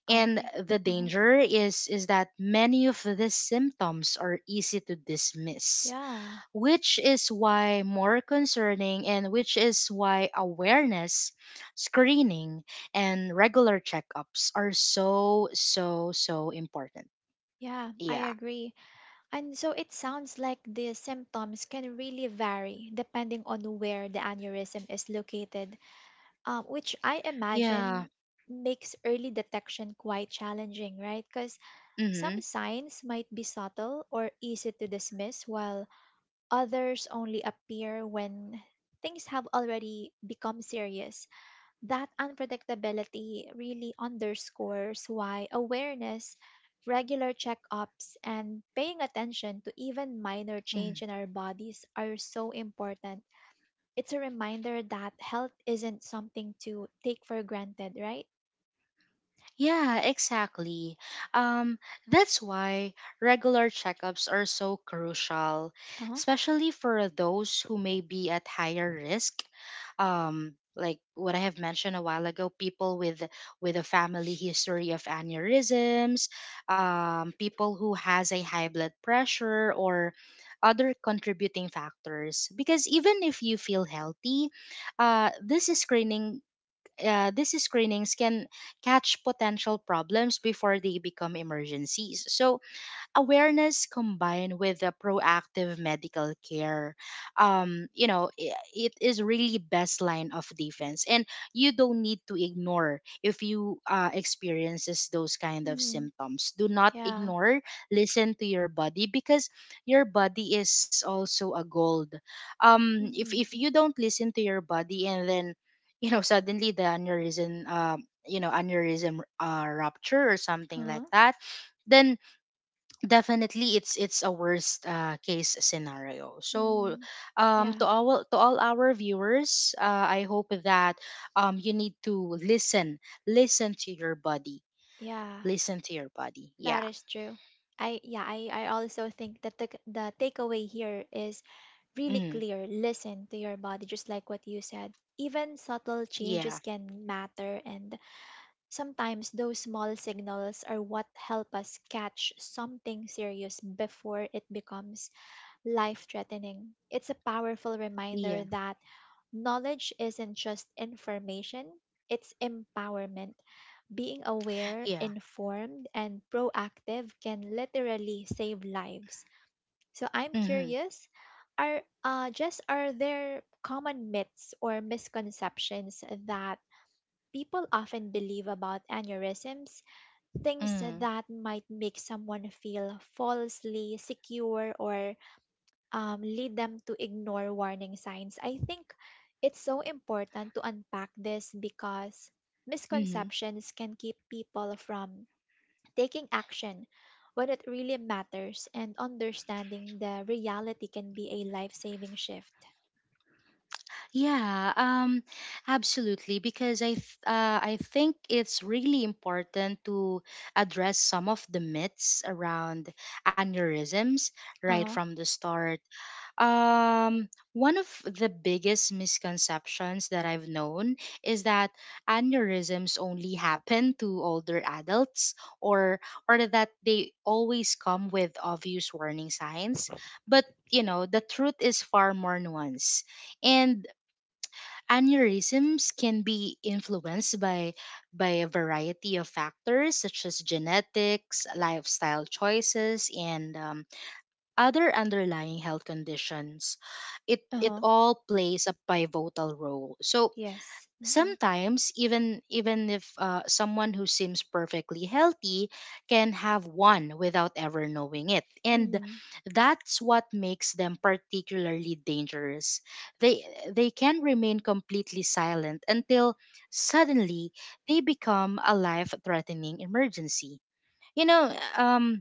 Speaker 2: And
Speaker 1: Okay.
Speaker 2: the
Speaker 1: Uh-huh.
Speaker 2: danger is is that many of these symptoms are easy to dismiss,
Speaker 1: Yeah,
Speaker 2: which is why more concerning, and which is why awareness, screening, and regular checkups are so so so important.
Speaker 1: yeah, I
Speaker 2: Yeah.
Speaker 1: agree. And so it sounds like the symptoms can really vary depending on where the aneurysm is located, um, which I
Speaker 2: Yeah.
Speaker 1: imagine makes early detection quite challenging, right? Because
Speaker 2: Mm-hmm.
Speaker 1: some signs might be subtle or easy to dismiss, while others only appear when things have already become serious. That unpredictability really underscores why awareness, regular checkups, and paying attention to even minor change
Speaker 2: Mm-hmm.
Speaker 1: in our bodies are so important. It's a reminder that health isn't something to take for granted, right?
Speaker 2: Yeah, exactly. Um, that's why regular checkups are so crucial,
Speaker 1: Uh-huh.
Speaker 2: especially for those who may be at higher risk. Um, like what I have mentioned a while ago, people with with a family history of aneurysms, um, people who has a high blood pressure or other contributing factors. Because even if you feel healthy, uh, this screening uh, these screenings can catch potential problems before they become emergencies. So awareness combined with the proactive medical care, um you know i- it is really best line of defense. And you don't need to ignore if you uh, experiences those kind of
Speaker 1: Hmm.
Speaker 2: symptoms. Do not
Speaker 1: Yeah.
Speaker 2: ignore, listen to your body, because your body is also a gold. Um if
Speaker 1: Mm-hmm.
Speaker 2: if you don't listen to your body, and then, you know, suddenly the aneurysm, um you know aneurysm uh, rupture or something
Speaker 1: Uh-huh.
Speaker 2: like that, then definitely it's it's a worst uh, case scenario. So
Speaker 1: Mm-hmm.
Speaker 2: um to
Speaker 1: Yeah.
Speaker 2: all to all our viewers, uh, I hope that, um you need to listen, listen to your body,
Speaker 1: Yeah.
Speaker 2: listen to your body.
Speaker 1: That
Speaker 2: Yeah.
Speaker 1: is true. I Yeah, I, I also think that the the takeaway here is really
Speaker 2: Mm.
Speaker 1: clear. Listen to your body, just like what you said. Even subtle changes
Speaker 2: Yeah.
Speaker 1: can matter, and sometimes those small signals are what help us catch something serious before it becomes life threatening. It's a powerful
Speaker 2: Yeah.
Speaker 1: reminder that knowledge isn't just information, it's empowerment. Being aware,
Speaker 2: Yeah.
Speaker 1: informed, and proactive can literally save lives. So I'm
Speaker 2: Mm-hmm.
Speaker 1: curious, are uh, just are there common myths or misconceptions that people often believe about aneurysms? Things
Speaker 2: Mm.
Speaker 1: that might make someone feel falsely secure or um, lead them to ignore warning signs. I think it's so important to unpack this because
Speaker 2: Mm-hmm.
Speaker 1: misconceptions can keep people from taking action when it really matters, and understanding the reality can be a life saving shift.
Speaker 2: Yeah, um, absolutely. Because I, th- uh, I think it's really important to address some of the myths around aneurysms
Speaker 1: Uh
Speaker 2: right
Speaker 1: huh.
Speaker 2: from the start. Um, one of the biggest misconceptions that I've known is that aneurysms only happen to older adults, or or that they always come with obvious warning signs. But, you know, the truth is far more nuanced. And aneurysms can be influenced by by a variety of factors such as genetics, lifestyle choices, and um, other underlying health conditions. It
Speaker 1: Uh
Speaker 2: it
Speaker 1: huh.
Speaker 2: all plays a pivotal role. So
Speaker 1: Yes. Mm-hmm.
Speaker 2: sometimes, even even if uh, someone who seems perfectly healthy can have one without ever knowing it, and
Speaker 1: Mm-hmm.
Speaker 2: that's what makes them particularly dangerous. they they can remain completely silent until suddenly they become a life threatening emergency, you know um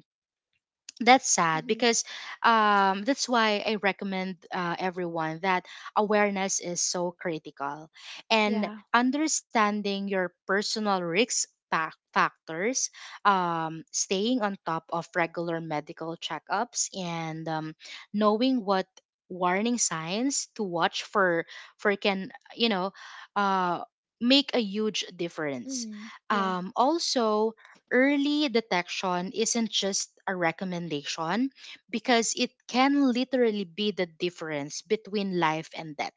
Speaker 2: that's sad.
Speaker 1: Mm-hmm.
Speaker 2: Because um, that's why I recommend uh, everyone that awareness is so critical,
Speaker 1: Yeah.
Speaker 2: and understanding your personal risk fac- factors, um, staying on top of regular medical checkups, and um, knowing what warning signs to watch for for can you know uh, make a huge difference.
Speaker 1: Mm-hmm. Yeah.
Speaker 2: Um, also, early detection isn't just a recommendation, because it can literally be the difference between life and death.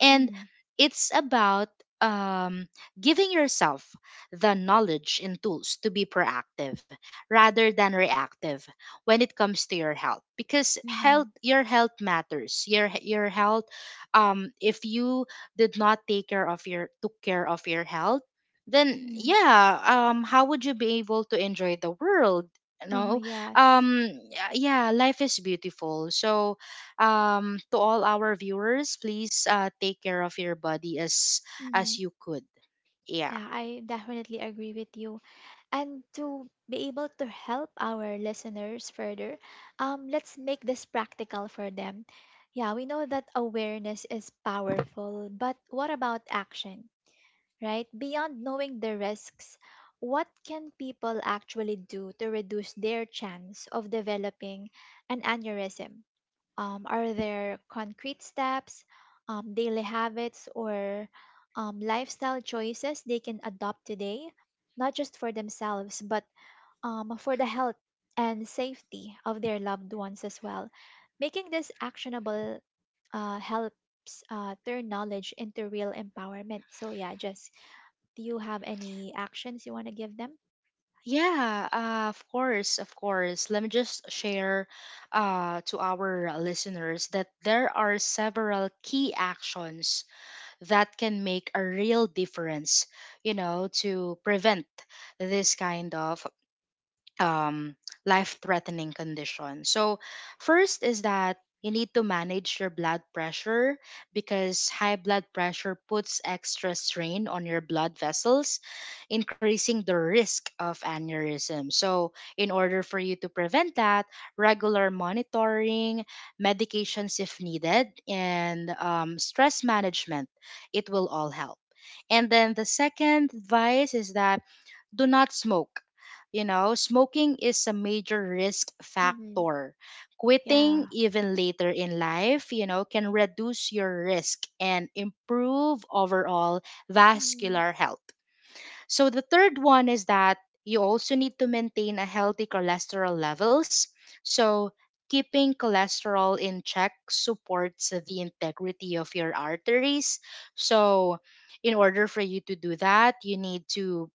Speaker 2: And
Speaker 1: Mm-hmm.
Speaker 2: it's about um, giving yourself the knowledge and tools to be proactive rather than reactive when it comes to your health because health
Speaker 1: Mm-hmm.
Speaker 2: your health matters. Your your health, um if you did not take care of your took care of your health, then
Speaker 1: Mm-hmm.
Speaker 2: yeah. Um how would you be able to enjoy the world, you
Speaker 1: Uh huh.
Speaker 2: know
Speaker 1: Yes.
Speaker 2: um y- yeah? Life is beautiful, so um to all our viewers, please uh take care of your body as
Speaker 1: Mm-hmm.
Speaker 2: as you could. Yeah,
Speaker 1: Yeah, I definitely agree with you. And to be able to help our listeners further, um, let's make this practical for them. Yeah, we know that awareness is powerful, but what about action, right? Beyond knowing the risks, what can people actually do to reduce their chance of developing an aneurysm? Um, are there concrete steps, um, daily habits, or um, lifestyle choices they can adopt today? Not just for themselves, but um, for the health and safety of their loved ones as well. Making this actionable uh, helps uh, turn knowledge into real empowerment. So, yeah, just do you have any actions you want to give them?
Speaker 2: yeah, uh, of course, of course let me just share uh to our listeners that there are several key actions that can make a real difference, you know, to prevent this kind of um, life threatening condition. So, first is that you need to manage your blood pressure because high blood pressure puts extra strain on your blood vessels, increasing the risk of aneurysm. So, in order for you to prevent that, regular monitoring, medications if needed, and um, stress management, it will all help. And then the second advice is that do not smoke. You know, smoking is a major risk
Speaker 1: Mm-hmm.
Speaker 2: factor. Quitting
Speaker 1: Yeah.
Speaker 2: even later in life, you know, can reduce your risk and improve overall
Speaker 1: Mm-hmm.
Speaker 2: vascular health. So the third one is that you also need to maintain a healthy cholesterol levels. So keeping cholesterol in check supports the integrity of your arteries. So in order for you to do that, you need to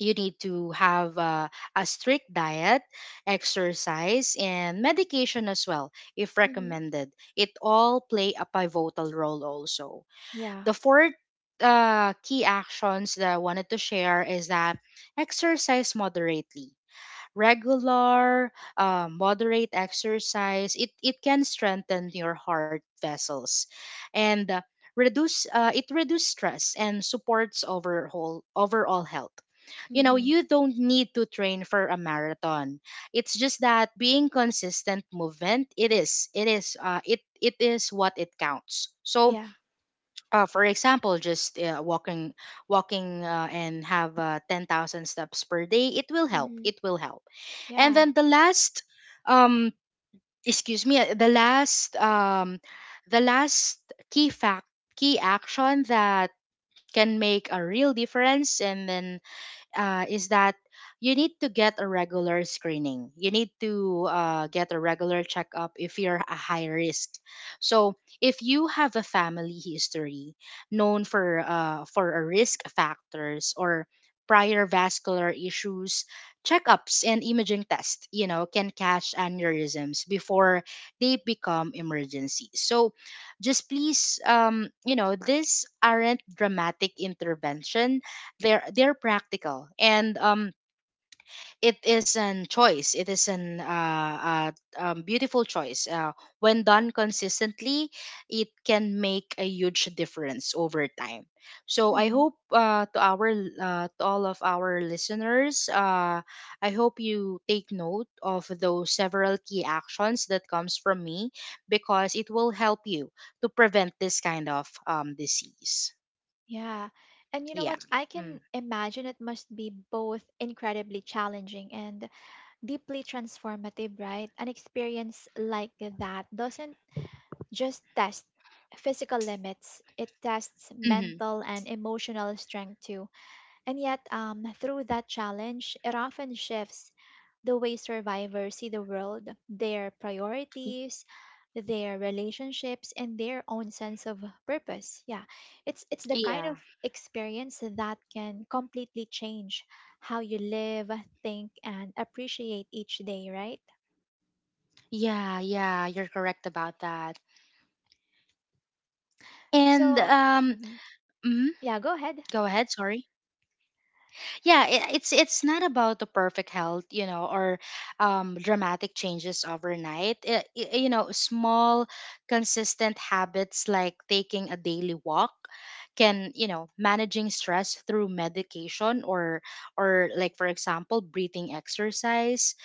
Speaker 2: you need to have uh, a strict diet, exercise, and medication as well, if
Speaker 1: Mm-hmm.
Speaker 2: recommended. It all play a pivotal role also.
Speaker 1: Yeah.
Speaker 2: The fourth uh, key actions that I wanted to share is that exercise moderately regular, um, moderate exercise, it, it can strengthen your heart vessels and uh, reduce uh, it reduces stress and supports overall overall health. You know,
Speaker 1: Mm-hmm.
Speaker 2: you don't need to train for a marathon. It's just that being consistent movement, it is, it is, uh, it it is what it counts. So
Speaker 1: Yeah.
Speaker 2: uh, for example, just uh, walking, walking, uh, and have uh, ten thousand steps per day, it will help.
Speaker 1: Mm-hmm.
Speaker 2: It will help. And
Speaker 1: Yeah.
Speaker 2: then the last, um, excuse me, uh, the last, um, the last key fact, key action that can make a real difference, and then uh, is that you need to get a regular screening. You need to uh, get a regular checkup if you're a high risk. So if you have a family history known for uh, for a risk factors or prior vascular issues, checkups and imaging tests, you know, can catch aneurysms before they become emergencies. So just please, um you know, these aren't dramatic interventions. They're they're practical, and um it is an choice. It is an uh, uh um, beautiful choice, uh, when done consistently it can make a huge difference over time. So I
Speaker 1: Mm-hmm.
Speaker 2: hope, uh, to our uh, to all of our listeners, uh I hope you take note of those several key actions that comes from me because it will help you to prevent this kind of um disease.
Speaker 1: Yeah. And you know
Speaker 2: Yeah.
Speaker 1: what? I
Speaker 2: Mm.
Speaker 1: can imagine it must be both incredibly challenging and deeply transformative, right? An experience like that doesn't just test physical limits. It tests
Speaker 2: Mm-hmm.
Speaker 1: mental and emotional strength too. And yet, um, through that challenge, it often shifts the way survivors see the world, their priorities, their relationships, and their own sense of purpose. Yeah, it's it's the kind
Speaker 2: Yeah.
Speaker 1: of experience that can completely change how you live, think, and appreciate each day. Right.
Speaker 2: Yeah, yeah, you're correct about that. And
Speaker 1: So,
Speaker 2: um,
Speaker 1: mhm.
Speaker 2: mhm,
Speaker 1: Yeah, go ahead.
Speaker 2: go ahead. Sorry. Yeah, it, it's it's not about the perfect health, you know, or um, dramatic changes overnight. I i- you know, small consistent habits like taking a daily walk can, you know, managing stress through medication or or like for example breathing exercise,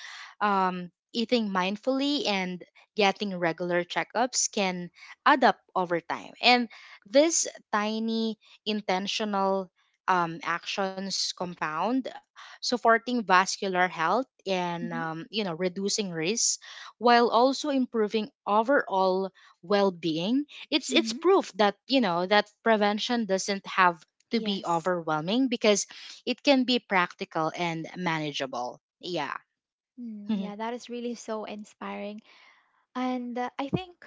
Speaker 2: um, eating mindfully and getting regular checkups can add up over time. And this tiny intentional um, actions compound, supporting vascular health and, um, you know, reducing risk while also improving overall well-being. It's it's
Speaker 1: Hmm.
Speaker 2: proof, that you know, that prevention doesn't have to be
Speaker 1: Yes.
Speaker 2: overwhelming because it can be practical and manageable. Yeah.
Speaker 1: Mm, yeah, that is really so inspiring. And uh, I think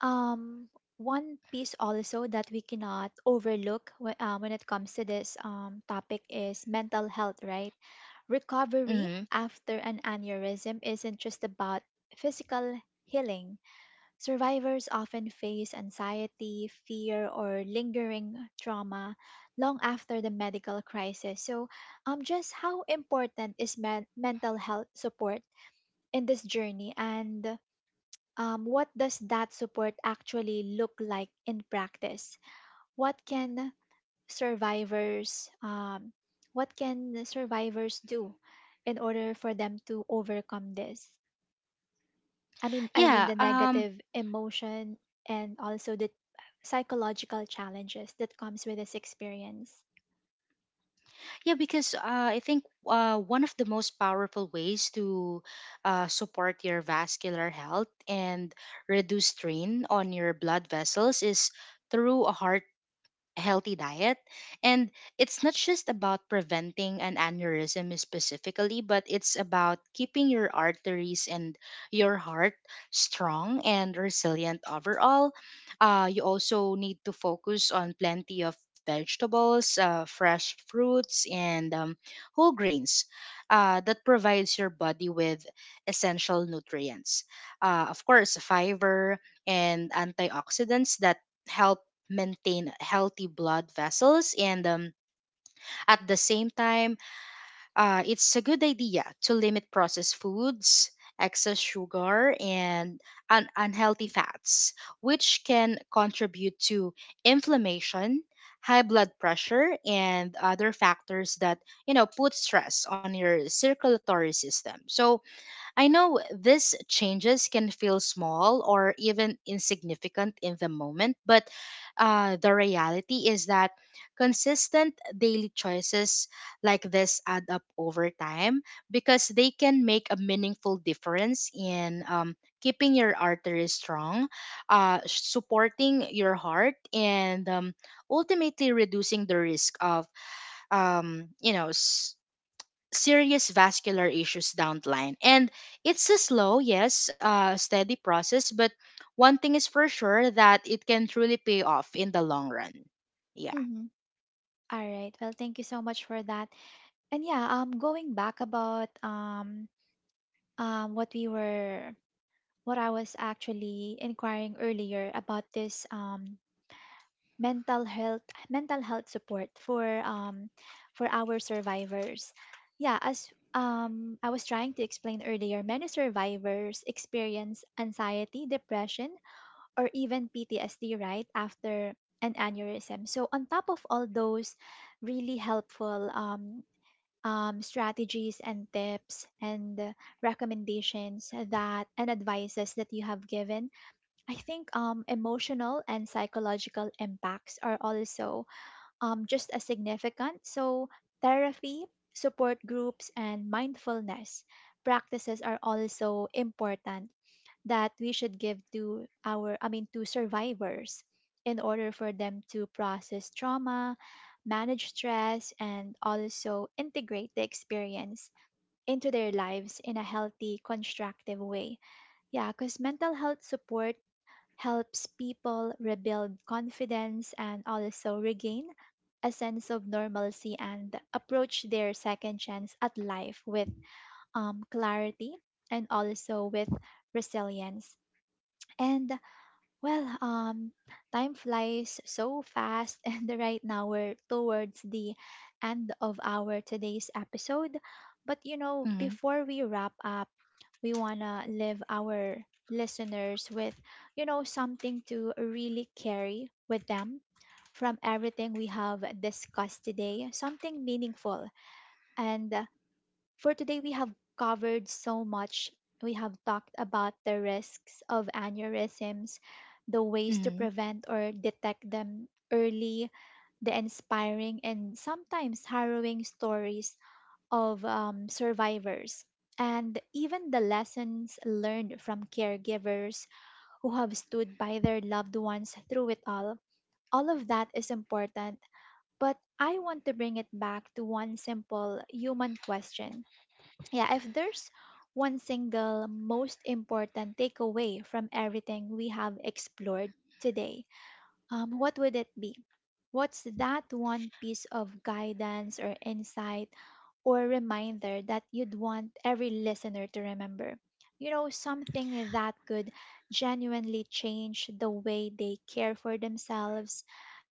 Speaker 1: um, one piece also that we cannot overlook when, uh, when it comes to this um, topic is mental health, right? Recovery
Speaker 2: hmm.
Speaker 1: after an aneurysm isn't just about physical healing. Survivors often face anxiety, fear, or lingering trauma long after the medical crisis. So, um, just how important is men- mental health support in this journey, and um, what does that support actually look like in practice? What can survivors um, what can the survivors do in order for them to overcome this? I mean, I mean
Speaker 2: Yeah.
Speaker 1: the
Speaker 2: Um
Speaker 1: negative emotion and also the psychological challenges that comes with this experience.
Speaker 2: Yeah, because uh, I think uh, one of the most powerful ways to uh, support your vascular health and reduce strain on your blood vessels is through a heart healthy diet. And it's not just about preventing an aneurysm specifically, but it's about keeping your arteries and your heart strong and resilient overall. Uh, you also need to focus on plenty of vegetables, uh, fresh fruits, and um, whole grains uh, that provides your body with essential nutrients. Uh, of course, fiber and antioxidants that help maintain healthy blood vessels, and um, at the same time uh, it's a good idea to limit processed foods, excess sugar and un- unhealthy fats which can contribute to inflammation, high blood pressure and other factors that, you know, put stress on your circulatory system. So I know these changes can feel small or even insignificant in the moment, but uh, the reality is that consistent daily choices like this add up over time because they can make a meaningful difference in, um, keeping your arteries strong, uh, supporting your heart, and um, ultimately reducing the risk of, um, you know, s- serious vascular issues down the line. And it's a slow, yes, uh, steady process, but one thing is for sure that it can truly pay off in the long run. Yeah.
Speaker 1: Mm-hmm. All right. Well, thank you so much for that. And yeah, um, going back about um, um, what we were, what I was actually inquiring earlier about this um mental health, mental health support for um for our survivors. Yeah, as um I was trying to explain earlier, many survivors experience anxiety, depression, or even PTSD right after an aneurysm. So on top of all those really helpful um um, strategies and tips and recommendations that and advices that you have given, I think um, emotional and psychological impacts are also um, just as significant. So, therapy, support groups, and mindfulness practices are also important that we should give to our, I mean, to survivors in order for them to process trauma, manage stress, and also integrate the experience into their lives in a healthy, constructive way. Yeah, because mental health support helps people rebuild confidence and also regain a sense of normalcy and approach their second chance at life with um, clarity and also with resilience. And well, um, time flies so fast, and right now we're towards the end of our today's episode. But you know,
Speaker 2: Mm-hmm.
Speaker 1: before we wrap up, we want to leave our listeners with, you know, something to really carry with them from everything we have discussed today, something meaningful. And uh, for today, we have covered so much. We have talked about the risks of aneurysms, the ways to
Speaker 2: Mm-hmm.
Speaker 1: prevent or detect them early, the inspiring and sometimes harrowing stories of um, survivors, and even the lessons learned from caregivers who have stood by their loved ones through it all. All of that is important, but I want to bring it back to one simple human question. Yeah, if there's one single most important takeaway from everything we have explored today, um, what would it be? What's that one piece of guidance or insight or reminder that you'd want every listener to remember? You know, something that could genuinely change the way they care for themselves,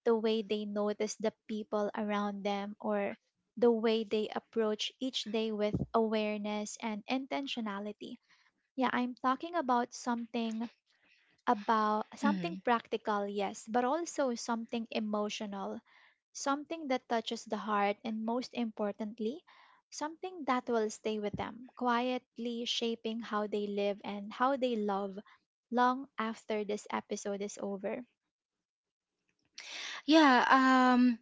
Speaker 1: the way they notice the people around them, or the way they approach each day with awareness and intentionality. Yeah, I'm talking about something about
Speaker 2: Mm-hmm.
Speaker 1: something practical, yes, but also something emotional, something that touches the heart, and most importantly, something that will stay with them, quietly shaping how they live and how they love long after this episode is over.
Speaker 2: Yeah. Um.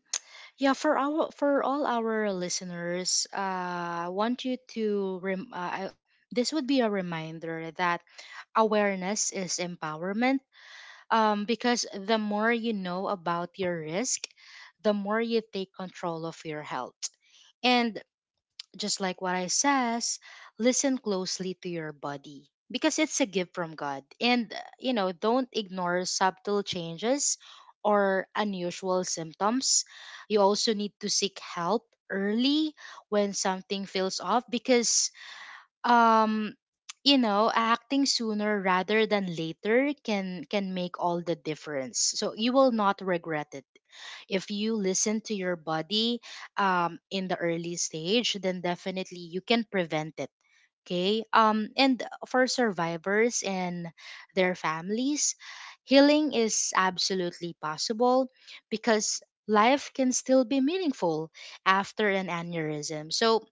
Speaker 2: Yeah. For our for all our listeners, uh, I want you to rem. Uh, I, this would be a reminder that awareness is empowerment, um, because the more you know about your risk, the more you take control of your health. And just like what I says, listen closely to your body because it's a gift from God. And, uh, you know, don't ignore subtle changes or unusual symptoms. You also need to seek help early when something feels off because um you know, acting sooner rather than later can can make all the difference, so you will not regret it. If you listen to your body um in the early stage, then definitely you can prevent it. Okay. Um and for survivors and their families, healing is absolutely possible because life can still be meaningful after an aneurysm. So,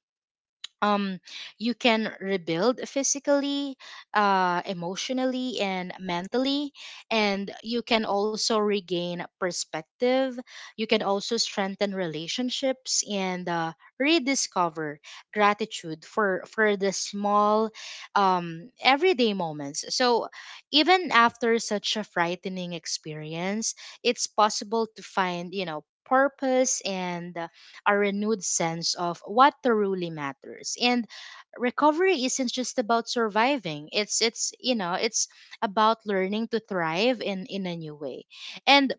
Speaker 2: um, you can rebuild physically, uh, emotionally, and mentally. And you can also regain perspective. You can also strengthen relationships and uh, rediscover gratitude for, for the small, um, everyday moments. So, even after such a frightening experience, it's possible to find, you know, purpose and, uh, a renewed sense of what truly matters. And recovery isn't just about surviving. It's it's You know, it's about learning to thrive in in a new way. And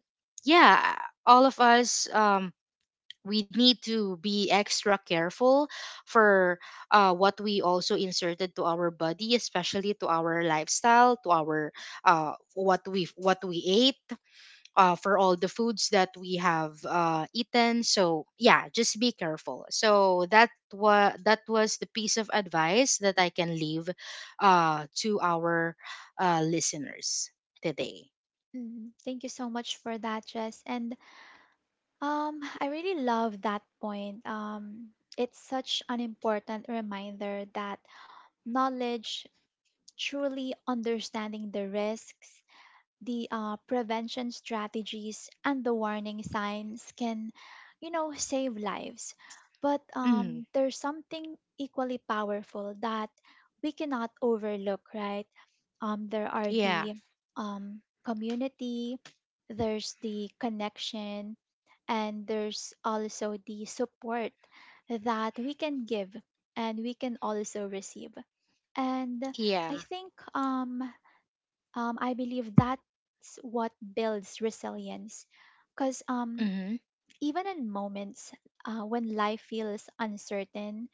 Speaker 2: yeah, all of us, um we need to be extra careful for uh, what we also inserted to our body, especially to our lifestyle, to our uh, what we what we ate, uh, for all the foods that we have uh, eaten. So yeah, just be careful. So that was that was the piece of advice that I can leave uh, to our uh, listeners today.
Speaker 1: Mm, thank you so much for that, Jess. And um, I really love that point. Um, it's such an important reminder that knowledge, truly understanding the risks, the uh, prevention strategies and the warning signs, can you know save lives. But
Speaker 2: Hmm.
Speaker 1: um, there's something equally powerful that we cannot overlook, right? Um, there are
Speaker 2: Yeah,
Speaker 1: the um, community, there's the connection, and there's also the support that we can give and we can also receive. And i
Speaker 2: yeah.
Speaker 1: think um, um, I believe that's what builds resilience. Because um,
Speaker 2: Hmm.
Speaker 1: even in moments uh, when life feels uncertain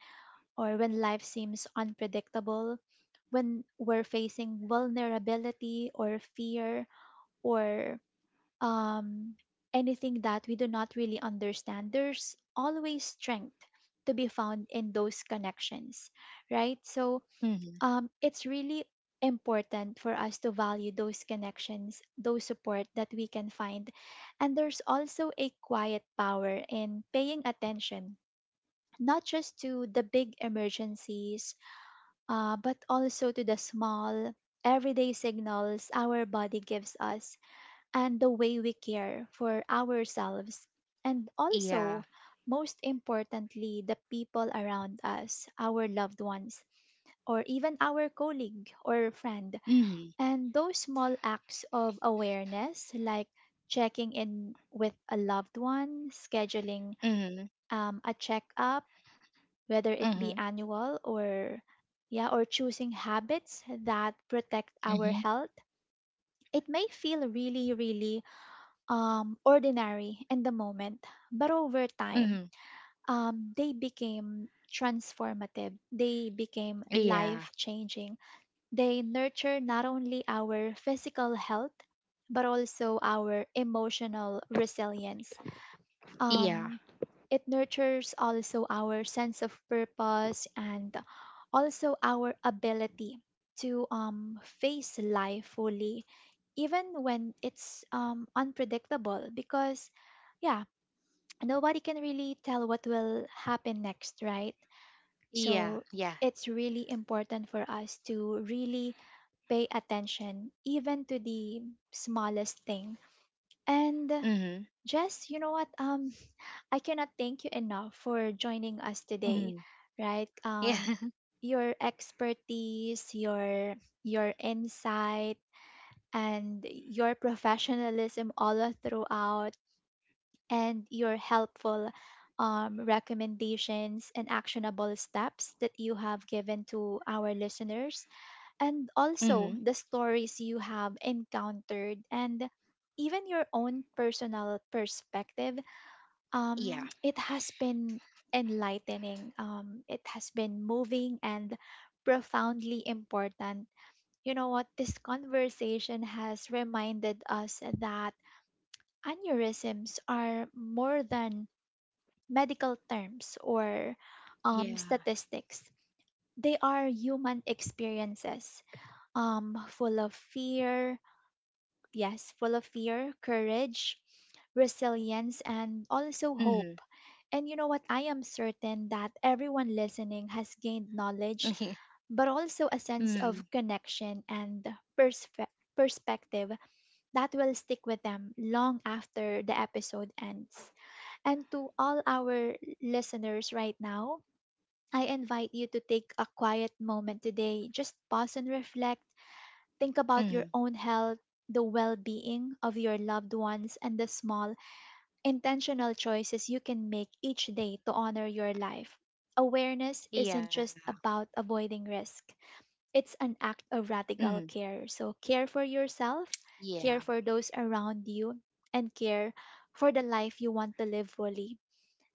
Speaker 1: or when life seems unpredictable, when we're facing vulnerability or fear or um, anything that we do not really understand, there's always strength to be found in those connections, right? So,
Speaker 2: Hmm.
Speaker 1: um, it's really important for us to value those connections, those support that we can find. And there's also a quiet power in paying attention, not just to the big emergencies, uh, but also to the small, everyday signals our body gives us and the way we care for ourselves, and
Speaker 2: Yeah.
Speaker 1: also, most importantly, the people around us, our loved ones, or even our colleague or friend.
Speaker 2: Hmm.
Speaker 1: And those small acts of awareness, like checking in with a loved one, scheduling
Speaker 2: Hmm.
Speaker 1: um, a checkup, whether it
Speaker 2: Hmm.
Speaker 1: be annual or yeah, or choosing habits that protect our
Speaker 2: Hmm.
Speaker 1: health. It may feel really, really um, ordinary in the moment, but over time,
Speaker 2: Hmm.
Speaker 1: um, they became transformative. They became
Speaker 2: Yeah,
Speaker 1: life changing. They nurture not only our physical health, but also our emotional resilience.
Speaker 2: yeah,
Speaker 1: Um, it nurtures also our sense of purpose and also our ability to um, face life fully even when it's um, unpredictable, because yeah, nobody can really tell what will happen next, right?
Speaker 2: yeah,
Speaker 1: So
Speaker 2: yeah.
Speaker 1: it's really important for us to really pay attention even to the smallest thing. And
Speaker 2: Hmm.
Speaker 1: just you know what um, I cannot thank you enough for joining us today,
Speaker 2: Hmm.
Speaker 1: right?
Speaker 2: Yeah.
Speaker 1: Um, your expertise, your your insight, and your professionalism all throughout, and your helpful um, recommendations and actionable steps that you have given to our listeners, and also
Speaker 2: hmm.
Speaker 1: the stories you have encountered, and even your own personal perspective,
Speaker 2: Yeah,
Speaker 1: um, it has been enlightening. Um, it has been moving and profoundly important. You know what? This conversation has reminded us that aneurysms are more than medical terms or um,
Speaker 2: yeah.
Speaker 1: statistics. They are human experiences um, full of fear. Yes, full of fear, courage, resilience, and also hope.
Speaker 2: Hmm.
Speaker 1: And you know what? I am certain that everyone listening has gained knowledge,
Speaker 2: Hmm.
Speaker 1: but also a sense of connection and perspe- perspective that will stick with them long after the episode ends. And to all our listeners right now, I invite you to take a quiet moment today. Just pause and reflect. Think about your
Speaker 2: Hmm.
Speaker 1: own health, the well being of your loved ones, and the small, intentional choices you can make each day to honor your life. Awareness
Speaker 2: yeah.
Speaker 1: isn't just about avoiding risk, it's an act of
Speaker 2: Hmm.
Speaker 1: radical care. So, care for yourself,
Speaker 2: Yeah.
Speaker 1: care for those around you, and care for the life you want to live fully.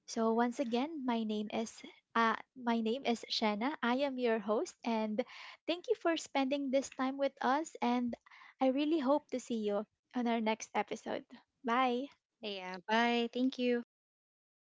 Speaker 1: So once again, my name is uh, my name is Shanna. I am your host, and thank you for spending this time with us. And I really hope to see you on our next episode. Bye.
Speaker 2: Yeah, bye. Thank you.